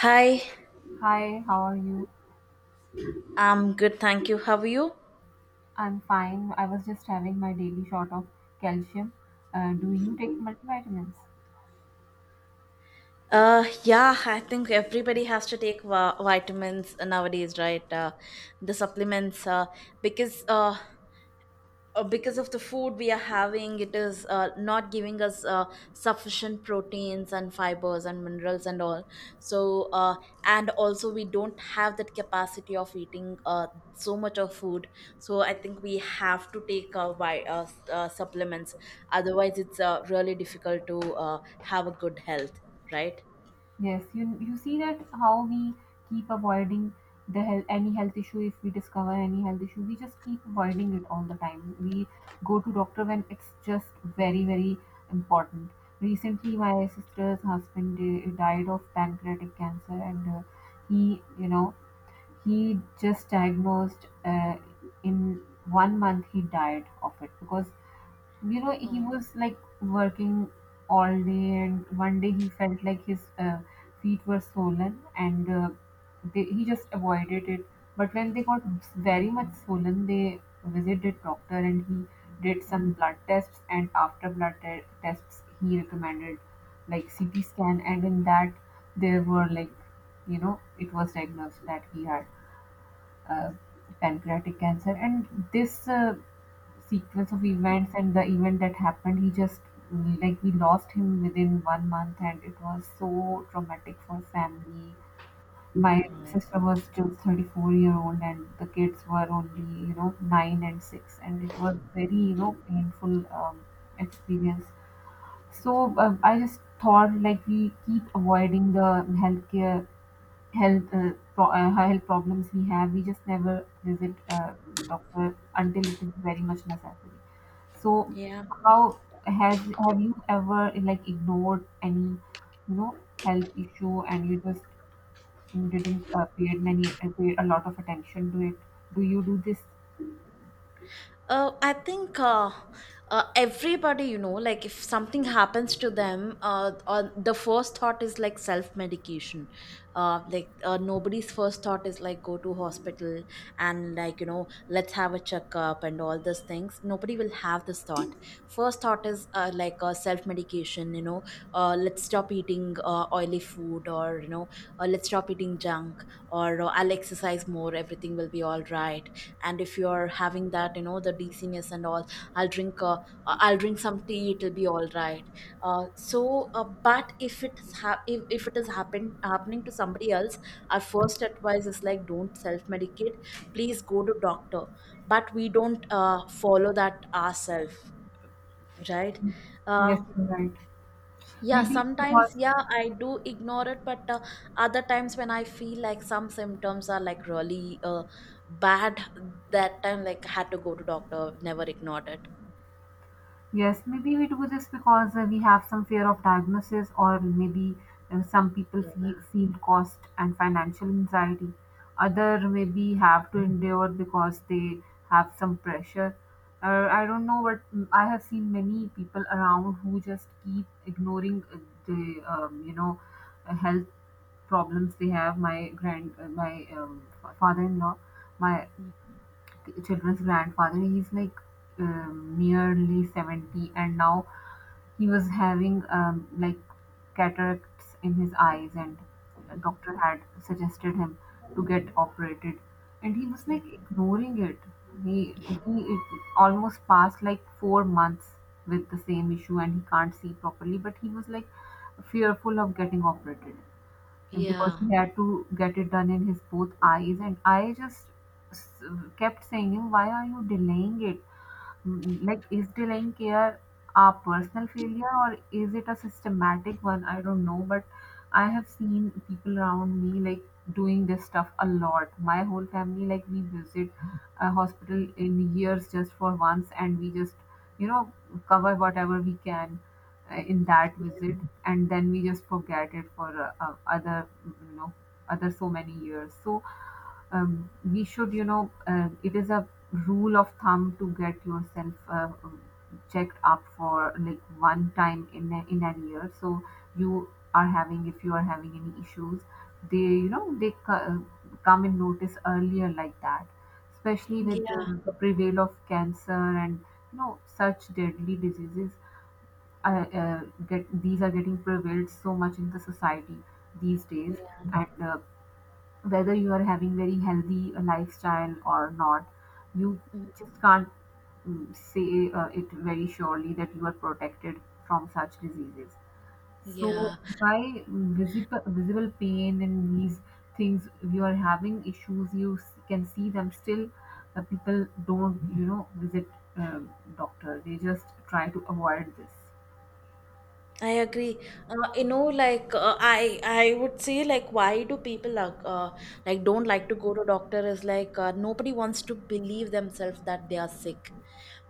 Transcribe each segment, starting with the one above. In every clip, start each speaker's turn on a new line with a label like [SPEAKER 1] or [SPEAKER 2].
[SPEAKER 1] Hi,
[SPEAKER 2] Hi, how are you?
[SPEAKER 1] I'm good, thank you. How are you?
[SPEAKER 2] I'm fine. I was just having my daily shot of calcium. Do you take multivitamins?
[SPEAKER 1] Yeah, I think everybody has to take vitamins nowadays, right? The supplements, because uh, because of the food we are having, it is not giving us sufficient proteins and fibers and minerals and all. So and also we don't have that capacity of eating so much of food. So I think we have to take supplements, otherwise it's really difficult to have a good health, right?
[SPEAKER 2] Yes, you see that how we keep avoiding the health, any health issue. If we discover any health issue, we just keep avoiding it all the time. We go to doctor when it's just very very important. Recently, my sister's husband died of pancreatic cancer, and he you know He just diagnosed in 1 month he died of it, because you know he
[SPEAKER 1] Oh.
[SPEAKER 2] was like working all day, and one day he felt like his feet were swollen, and he just avoided it. But when they got very much swollen, they visited doctor, and he did some blood tests, and after tests he recommended like CT scan. And in that, there were like, you know, it was diagnosed that he had uh, pancreatic cancer, and this sequence of events and the event that happened, he just, like, we lost him within 1 month. And it was so traumatic for family. My sister was just 34-year old, and the kids were only, you know, 9 and 6, and it was very, you know, painful um, experience. So I just thought like we keep avoiding the healthcare health problems we have. We just never visit a doctor until it is very much necessary. So
[SPEAKER 1] Yeah.
[SPEAKER 2] how has have you ever like ignored any, you know, health issue and you just didn't pay a lot of attention to it? Do you do this?
[SPEAKER 1] I think, everybody, you know, like, if something happens to them, the first thought is like self medication. Like, nobody's first thought is like, go to hospital and, like, you know, let's have a checkup and all those things. Nobody will have this thought. First thought is, like, self medication. You know, let's stop eating oily food, or you know, let's stop eating junk, or I'll exercise more. Everything will be all right. And if you're having that, you know, the dizziness and all, i'll drink uh, I'll drink some tea, it'll be all right. But if it's if it is happening to somebody else, our first advice is like, don't self-medicate, please go to doctor. But we don't follow that ourselves, right?
[SPEAKER 2] Yes,
[SPEAKER 1] uh,
[SPEAKER 2] you're right.
[SPEAKER 1] yeah,
[SPEAKER 2] Maybe it's
[SPEAKER 1] sometimes,
[SPEAKER 2] because...
[SPEAKER 1] yeah, I do ignore it. But other times when I feel like some symptoms are like really bad, that time like had to go to doctor, never ignored it.
[SPEAKER 2] Yes, maybe we do this because we have some fear of diagnosis, or maybe some people
[SPEAKER 1] Yeah.
[SPEAKER 2] feel cost and financial anxiety. Other maybe have to endure because they have some pressure. I don't know what. I have seen many people around who just keep ignoring the you know health problems they have. My father-in-law, my
[SPEAKER 1] Mm.
[SPEAKER 2] children's grandfather, he's like nearly 70, and now he was having like cataracts in his eyes, and a
[SPEAKER 1] Mhm.
[SPEAKER 2] doctor had suggested him to get operated, and he was like
[SPEAKER 1] Mhm.
[SPEAKER 2] ignoring it. He he it almost passed like 4 months with the same issue, and he can't see properly. But he was like fearful of getting operated, and because
[SPEAKER 1] Yeah.
[SPEAKER 2] he had to get it done in his both eyes. And I just s- kept saying him, "Why are you delaying it? Mm, like, is delaying care a personal failure or is it a systematic one?" I don't know, but I have seen people around me like doing this stuff a lot. My whole family, like, we visit a hospital in years just for once, and we just, you know, cover whatever we can in that visit. And then we just forget it for other, you know, other so many years. So, we should, you know, it is a rule of thumb to get yourself checked up for like one time in in a year. So you are having, if you are having any issues, they, you know, they come and notice earlier like that, especially with
[SPEAKER 1] Yeah.
[SPEAKER 2] the prevail of cancer and, you know, such deadly diseases. Uh, uh, get these are getting prevalent so much in the society these days,
[SPEAKER 1] Yeah.
[SPEAKER 2] and whether you are having very healthy lifestyle or not, you
[SPEAKER 1] Mm.
[SPEAKER 2] just can't say it very surely that you are protected from such diseases. So
[SPEAKER 1] Yeah.
[SPEAKER 2] by visible pain and these things, if you are having issues, you can see them. Still, people don't, you know, visit um, doctor, they just try to avoid this.
[SPEAKER 1] I agree. You know, like, I would say, like, why do people, like, don't like to go to doctor? Is like, nobody wants to believe themselves that they are sick.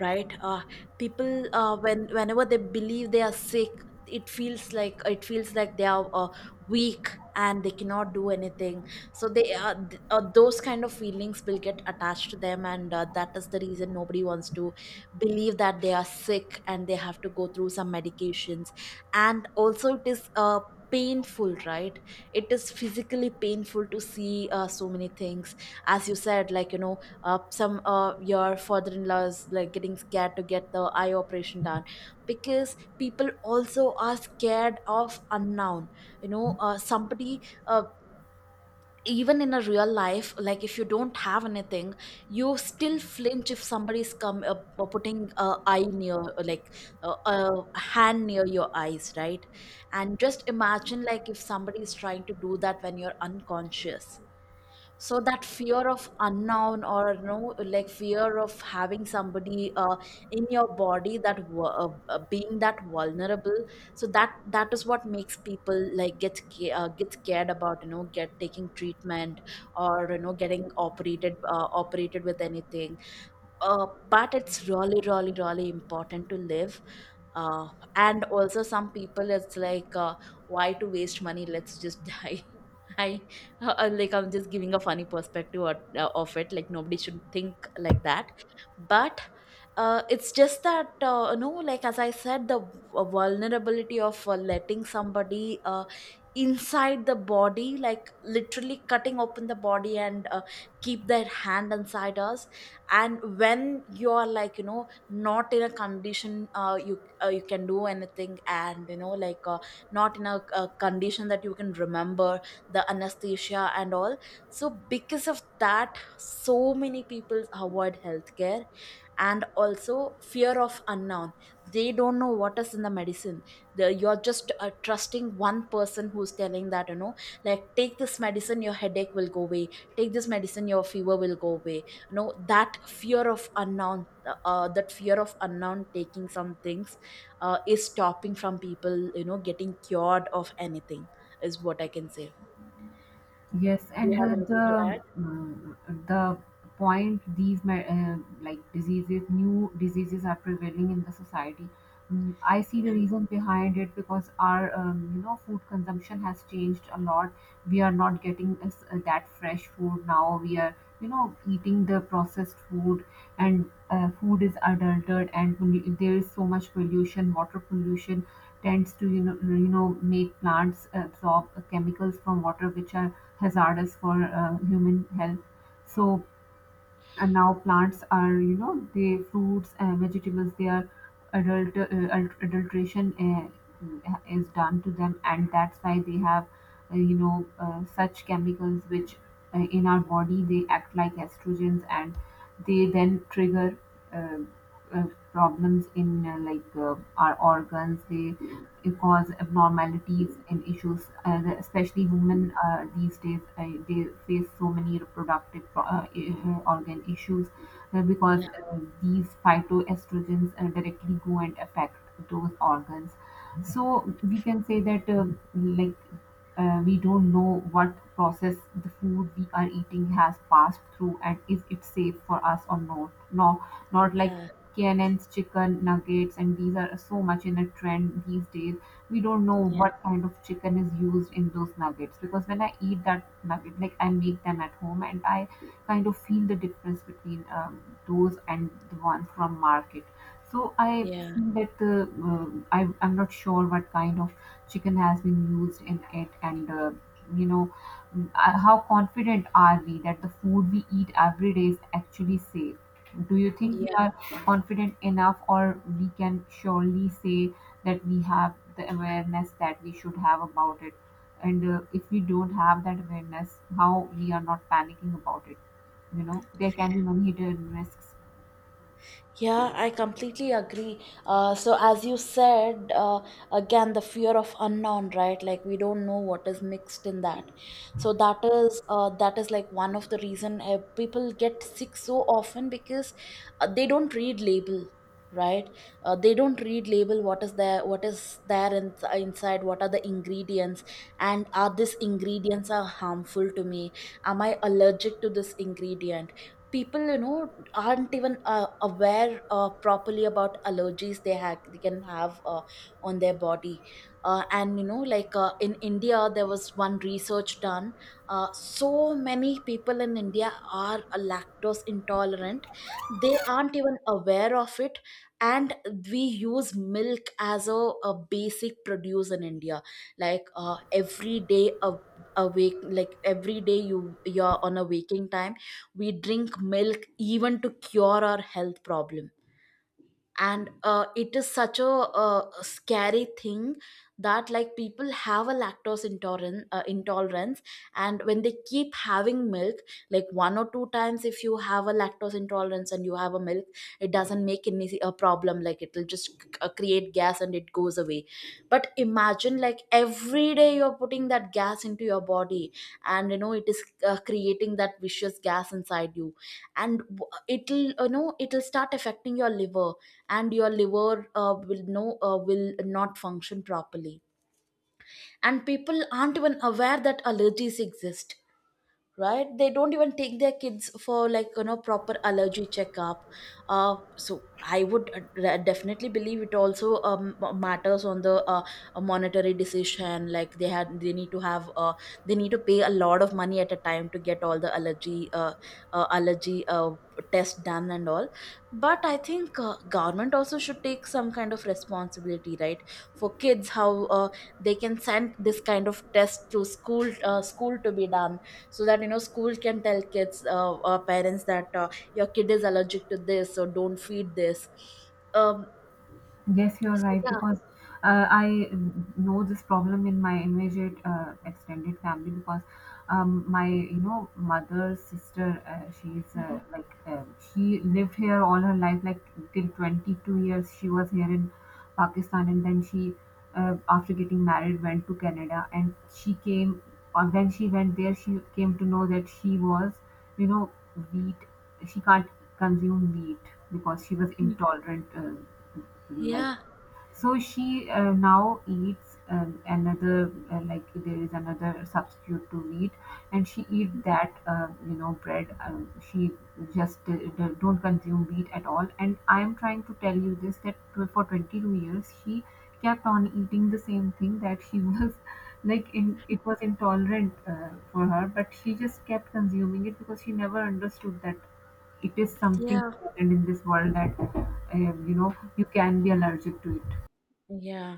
[SPEAKER 1] Right. People, when, whenever they believe they are sick, it feels like they are weak and they cannot do anything. Those kind of feelings will get attached to them, and that is the reason nobody wants to believe that they are sick and they have to go through some medications. And also it is painful, right? It is physically painful to see so many things. As you said, like, you know, some your father in law is like getting scared to get the eye operation done, because people also are scared of unknown. You know, somebody even in a real life, like, if you don't have anything, you still flinch if somebody's come putting eye near like a hand near your eyes, right? And just imagine, like, if somebody is trying to do that when you're unconscious. So that fear of unknown, or no, like, fear of having somebody in your body, being that vulnerable. So that is what makes people, like, get scared about, you know, get taking treatment, or you know, getting operated with anything. But it's really, really, really important to live. uh, and also, some people, it's like, why to waste money, let's just die. I. Like, I'm just giving a funny perspective, or, of it, like, nobody should think like that, but it's just that, no, like, as I said, vulnerability of letting somebody inside the body, like, literally cutting open the body and keep their hand inside us. And when you're, like, you know, not in a condition, you can do anything, and you know, like, not in a condition that you can remember the anesthesia and all. So because of that, so many people avoid healthcare. And also, fear of unknown. They don't know what is in the medicine. You're just trusting one person who's telling that, you know, like, take this medicine, your headache will go away. Take this medicine, your fever will go away. You know, that fear of unknown taking some things is stopping from people, you know, getting cured of anything, is what I can say.
[SPEAKER 2] Yes,
[SPEAKER 1] Do you
[SPEAKER 2] and
[SPEAKER 1] have
[SPEAKER 2] uh,
[SPEAKER 1] anything to
[SPEAKER 2] the
[SPEAKER 1] add?
[SPEAKER 2] mm, the point, these me- like diseases, new diseases are prevailing in the society. Mm, I see the
[SPEAKER 1] Yeah.
[SPEAKER 2] reason behind it because our you know, food consumption has changed a lot. We are not getting as, that fresh food now. We are, you know, eating the processed food, and food is adulterated, and there is so much pollution. Water pollution tends to, you know, make plants absorb chemicals from water which are hazardous for human health. So, and now plants are, you know, the fruits and vegetables, they are adulteration is done to them, and that's why they have such chemicals which in our body they act like estrogens, and they then trigger uh, uh, problems in our organs. They cause abnormalities and issues, especially women these days. They face so many reproductive organ issues because
[SPEAKER 1] Yeah,
[SPEAKER 2] these phytoestrogens directly go and affect those organs. So we can say that like we don't know what process the food we are eating has passed through, and is it safe for us or not. No, not like
[SPEAKER 1] yeah,
[SPEAKER 2] Cannon's chicken nuggets, and these are so much in a trend these days. We don't know
[SPEAKER 1] yeah,
[SPEAKER 2] what kind of chicken is used in those nuggets because when I eat that nugget, like I make them at home, and I kind of feel the difference between those and the ones from market. So I
[SPEAKER 1] yeah,
[SPEAKER 2] feel that the I I'm not sure what kind of chicken has been used in it, and you know how confident are we that the food we eat every day is actually safe? Do you think we are
[SPEAKER 1] yeah.
[SPEAKER 2] confident enough, or we can surely say that we have the awareness that we should have about it? And if we don't have that awareness, how we are not panicking about it? You know, there can be many hidden risks.
[SPEAKER 1] Yeah, I completely agree. So, as you said, again, the fear of unknown, right? Like, we don't know what is mixed in that. So that is, that is, like, one of the reason people get sick so often, because they don't read label, right? They don't read label, what is there in, inside, what are the ingredients, and are these ingredients are harmful to me? Am I allergic to this ingredient? People, you know, aren't even aware properly about allergies they have, they can have on their body. And you know, like, in India there was one research done. So many people in India are lactose intolerant, they aren't even aware of it. And we use milk as a basic produce in India. Like, every day, a, awake like, every day, you're on a waking time, we drink milk even to cure our health problem. And it is such a scary thing, that like, people have a lactose intolerance. And when they keep having milk, like, one or two times, if you have a lactose intolerance and you have a milk, it doesn't make any a problem, like, it'll just create gas and it goes away. But imagine, like, every day you're putting that gas into your body. And you know, it is creating that vicious gas inside you. And it'll, you know, it'll start affecting your liver. And your liver will not function properly. And people aren't even aware that allergies exist, right? They don't even take their kids for, like, you know, proper allergy checkup. So I would definitely believe it also matters on the a monetary decision, like, they need to have, they need to pay a lot of money at a time to get all the allergy test done and all. But I think government also should take some kind of responsibility, right? For kids, how they can send this kind of test to school to be done, so that, you know, school can tell kids, or parents, that your kid is allergic to this, so don't feed this. um
[SPEAKER 2] Yes, you're
[SPEAKER 1] so
[SPEAKER 2] right,
[SPEAKER 1] yeah.
[SPEAKER 2] because I know this problem in my immediate extended family, because my, you know, mother's sister,
[SPEAKER 1] Mhm.
[SPEAKER 2] she lived here all her life, like till 22 years she was here in Pakistan, and then she after getting married went to Canada. And she came or when she went there, she came to know that she was, you know, wheat, she can't consume meat because she was intolerant. I
[SPEAKER 1] Yeah,
[SPEAKER 2] so she now eats another like there is another substitute to wheat, and she eat that, you know, bread. She just don't consume wheat at all. And I am trying to tell you this that for 22 years she kept on eating the same thing that she was like, in it, was intolerant for her, but she just kept consuming it because she never understood that it is something
[SPEAKER 1] yeah,
[SPEAKER 2] important in this world that, you know, you can be allergic to it.
[SPEAKER 1] yeah.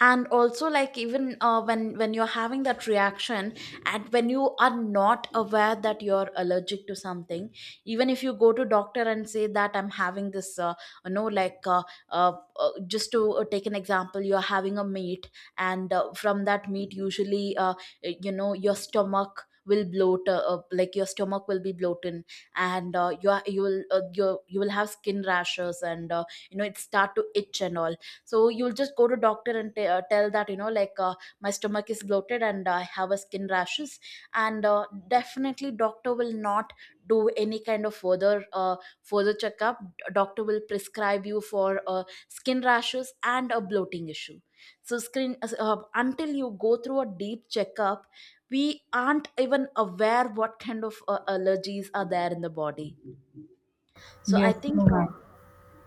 [SPEAKER 1] And also, like, even when you're having that reaction, and when you are not aware that you're allergic to something, even if you go to doctor and say that I'm having this, you know, like, uh, just to take an example, you're having a meat, and from that meat usually, you know, your stomach will bloat like, your stomach will be bloated, and you will you will have skin rashes, and you know, it start to itch and all. So you'll just go to doctor and tell that, you know, like, my stomach is bloated and I have a skin rashes. And definitely, doctor will not do any kind of further checkup. Doctor will prescribe you for skin rashes and a bloating issue. So screen Until you go through a deep checkup, we aren't even aware what kind of allergies are there in the body. So I
[SPEAKER 2] Yes, you're
[SPEAKER 1] think,
[SPEAKER 2] right.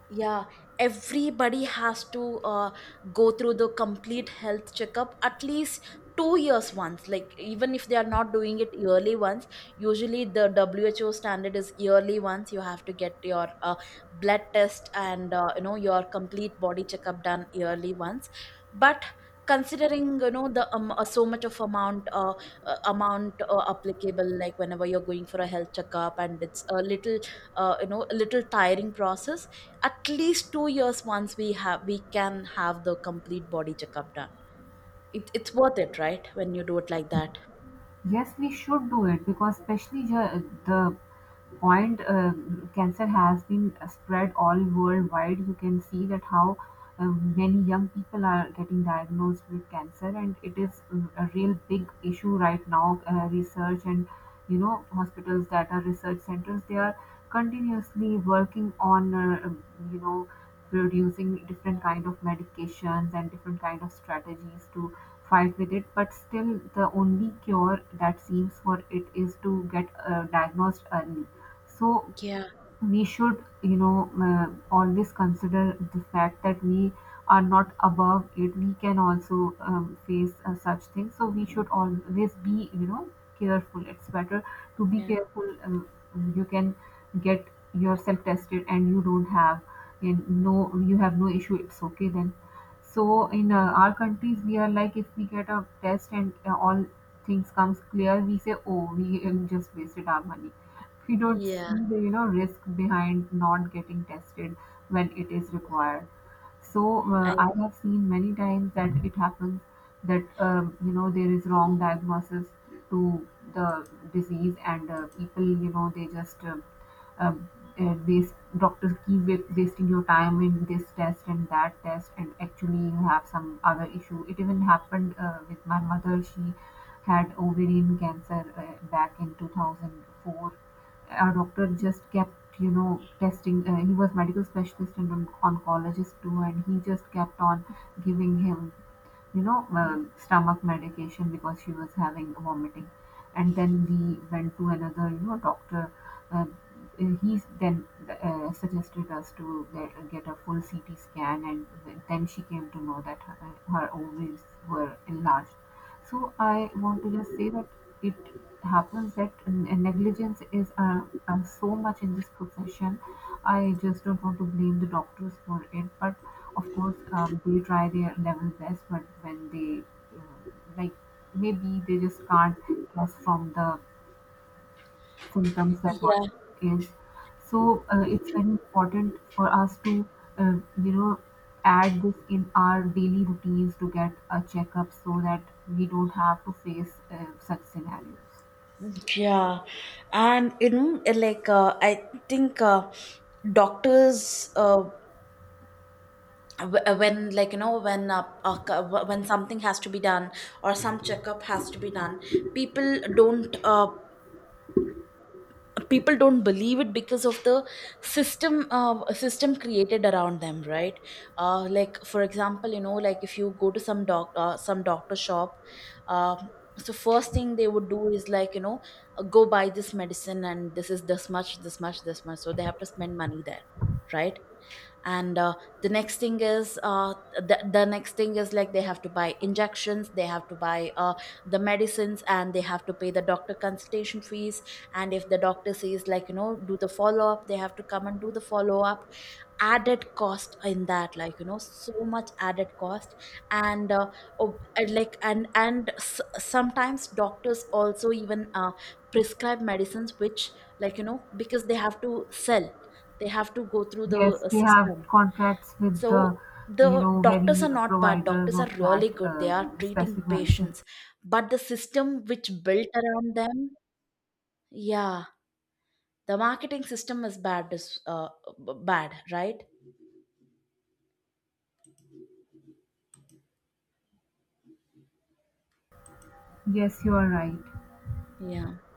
[SPEAKER 1] yeah, everybody has to go through the complete health checkup at least 2 years once, like, even if they are not doing it yearly once. Usually the WHO standard is yearly once, you have to get your blood test, and you know, your complete body checkup done yearly once. But considering, you know, the so much of amount applicable, like, whenever you're going for a health checkup, and it's a little, you know, a little tiring process, at least 2 years once, we can have the complete body checkup done. It's worth it, right, when you do it like that.
[SPEAKER 2] Yes, we should do it, because especially the point, cancer has been spread all worldwide. You can see that how many young people are getting diagnosed with cancer, and it is, a real big issue right now. Research and, you know, hospitals that are research centers, they are continuously working on you know producing different kind of medications and different kind of strategies to fight-with-it, but still the only cure that seems for it is to get diagnosed early. So
[SPEAKER 1] Yeah,
[SPEAKER 2] we should, you know, always consider the fact that we are not above it, we can also face such things, so we should always be, you know, careful. It's better to be
[SPEAKER 1] yeah.
[SPEAKER 2] careful. You can get yourself tested, and you don't have, and no, you have no issue, it's okay then. So in our countries we are like, if we get a test and all things comes clear, we say, oh, we just wasted our money. We don't
[SPEAKER 1] Yeah.
[SPEAKER 2] see the, you know, risk behind not getting tested when it is required. So
[SPEAKER 1] I
[SPEAKER 2] I have seen many times that it happens that, you know, there is wrong diagnosis to the disease, and people, you know, they just uh, waste doctors keep wasting your time in this test and that test, and actually you have some other issue. It even happened with my mother. She had ovarian cancer back in 2004. Our doctor just kept, you know, testing. He was medical specialist and oncologist too, and he just kept on giving him, you know, stomach medication because she was having vomiting. And then we went to another, you know, doctor. Uh, he then suggested us to get a full CT scan, and then she came to know that her ovaries were enlarged. So I want to just say that it happens that negligence is so much in this profession. I just don't want to blame the doctors for it, but of course, they try their level best, but when they uh, like maybe they just can't guess from the symptoms that what
[SPEAKER 1] Yeah,
[SPEAKER 2] is. So it's very important for us to uh, you know add this in our daily routines to get a checkup, so that we don't have to face such scenarios.
[SPEAKER 1] yeah. And you know, like, I think, doctors, when, like, you know, when, when something has to be done, or some checkup has to be done, people don't uh, don't believe it because of the system created around them, right? Like, for example, you know, like, if you go to some doc some doctor shop. um so first thing they would do is, like, you know, go buy this medicine, and this is this much, this much, this much, so they have to spend money there, right? And the next thing is, the next thing is, like, they have to buy injections, they have to buy the medicines, and they have to pay the doctor consultation fees. And if the doctor says, like, you know, do the follow up, they have to come and do the follow up. Added cost in that, like, you know, so much added cost. And sometimes doctors also even prescribe medicines which, like, you know, because they have to sell, they have to go through the
[SPEAKER 2] Yes, they have
[SPEAKER 1] system.
[SPEAKER 2] contracts with the,
[SPEAKER 1] So
[SPEAKER 2] you
[SPEAKER 1] the
[SPEAKER 2] know,
[SPEAKER 1] doctors are
[SPEAKER 2] very
[SPEAKER 1] not bad.
[SPEAKER 2] providers
[SPEAKER 1] Doctors
[SPEAKER 2] of
[SPEAKER 1] are
[SPEAKER 2] that,
[SPEAKER 1] really good. They are treating
[SPEAKER 2] specific medicine.
[SPEAKER 1] patients. But the system which built around them, yeah, the marketing system is bad. Is bad, right?
[SPEAKER 2] Yes, you are right.
[SPEAKER 1] Yeah.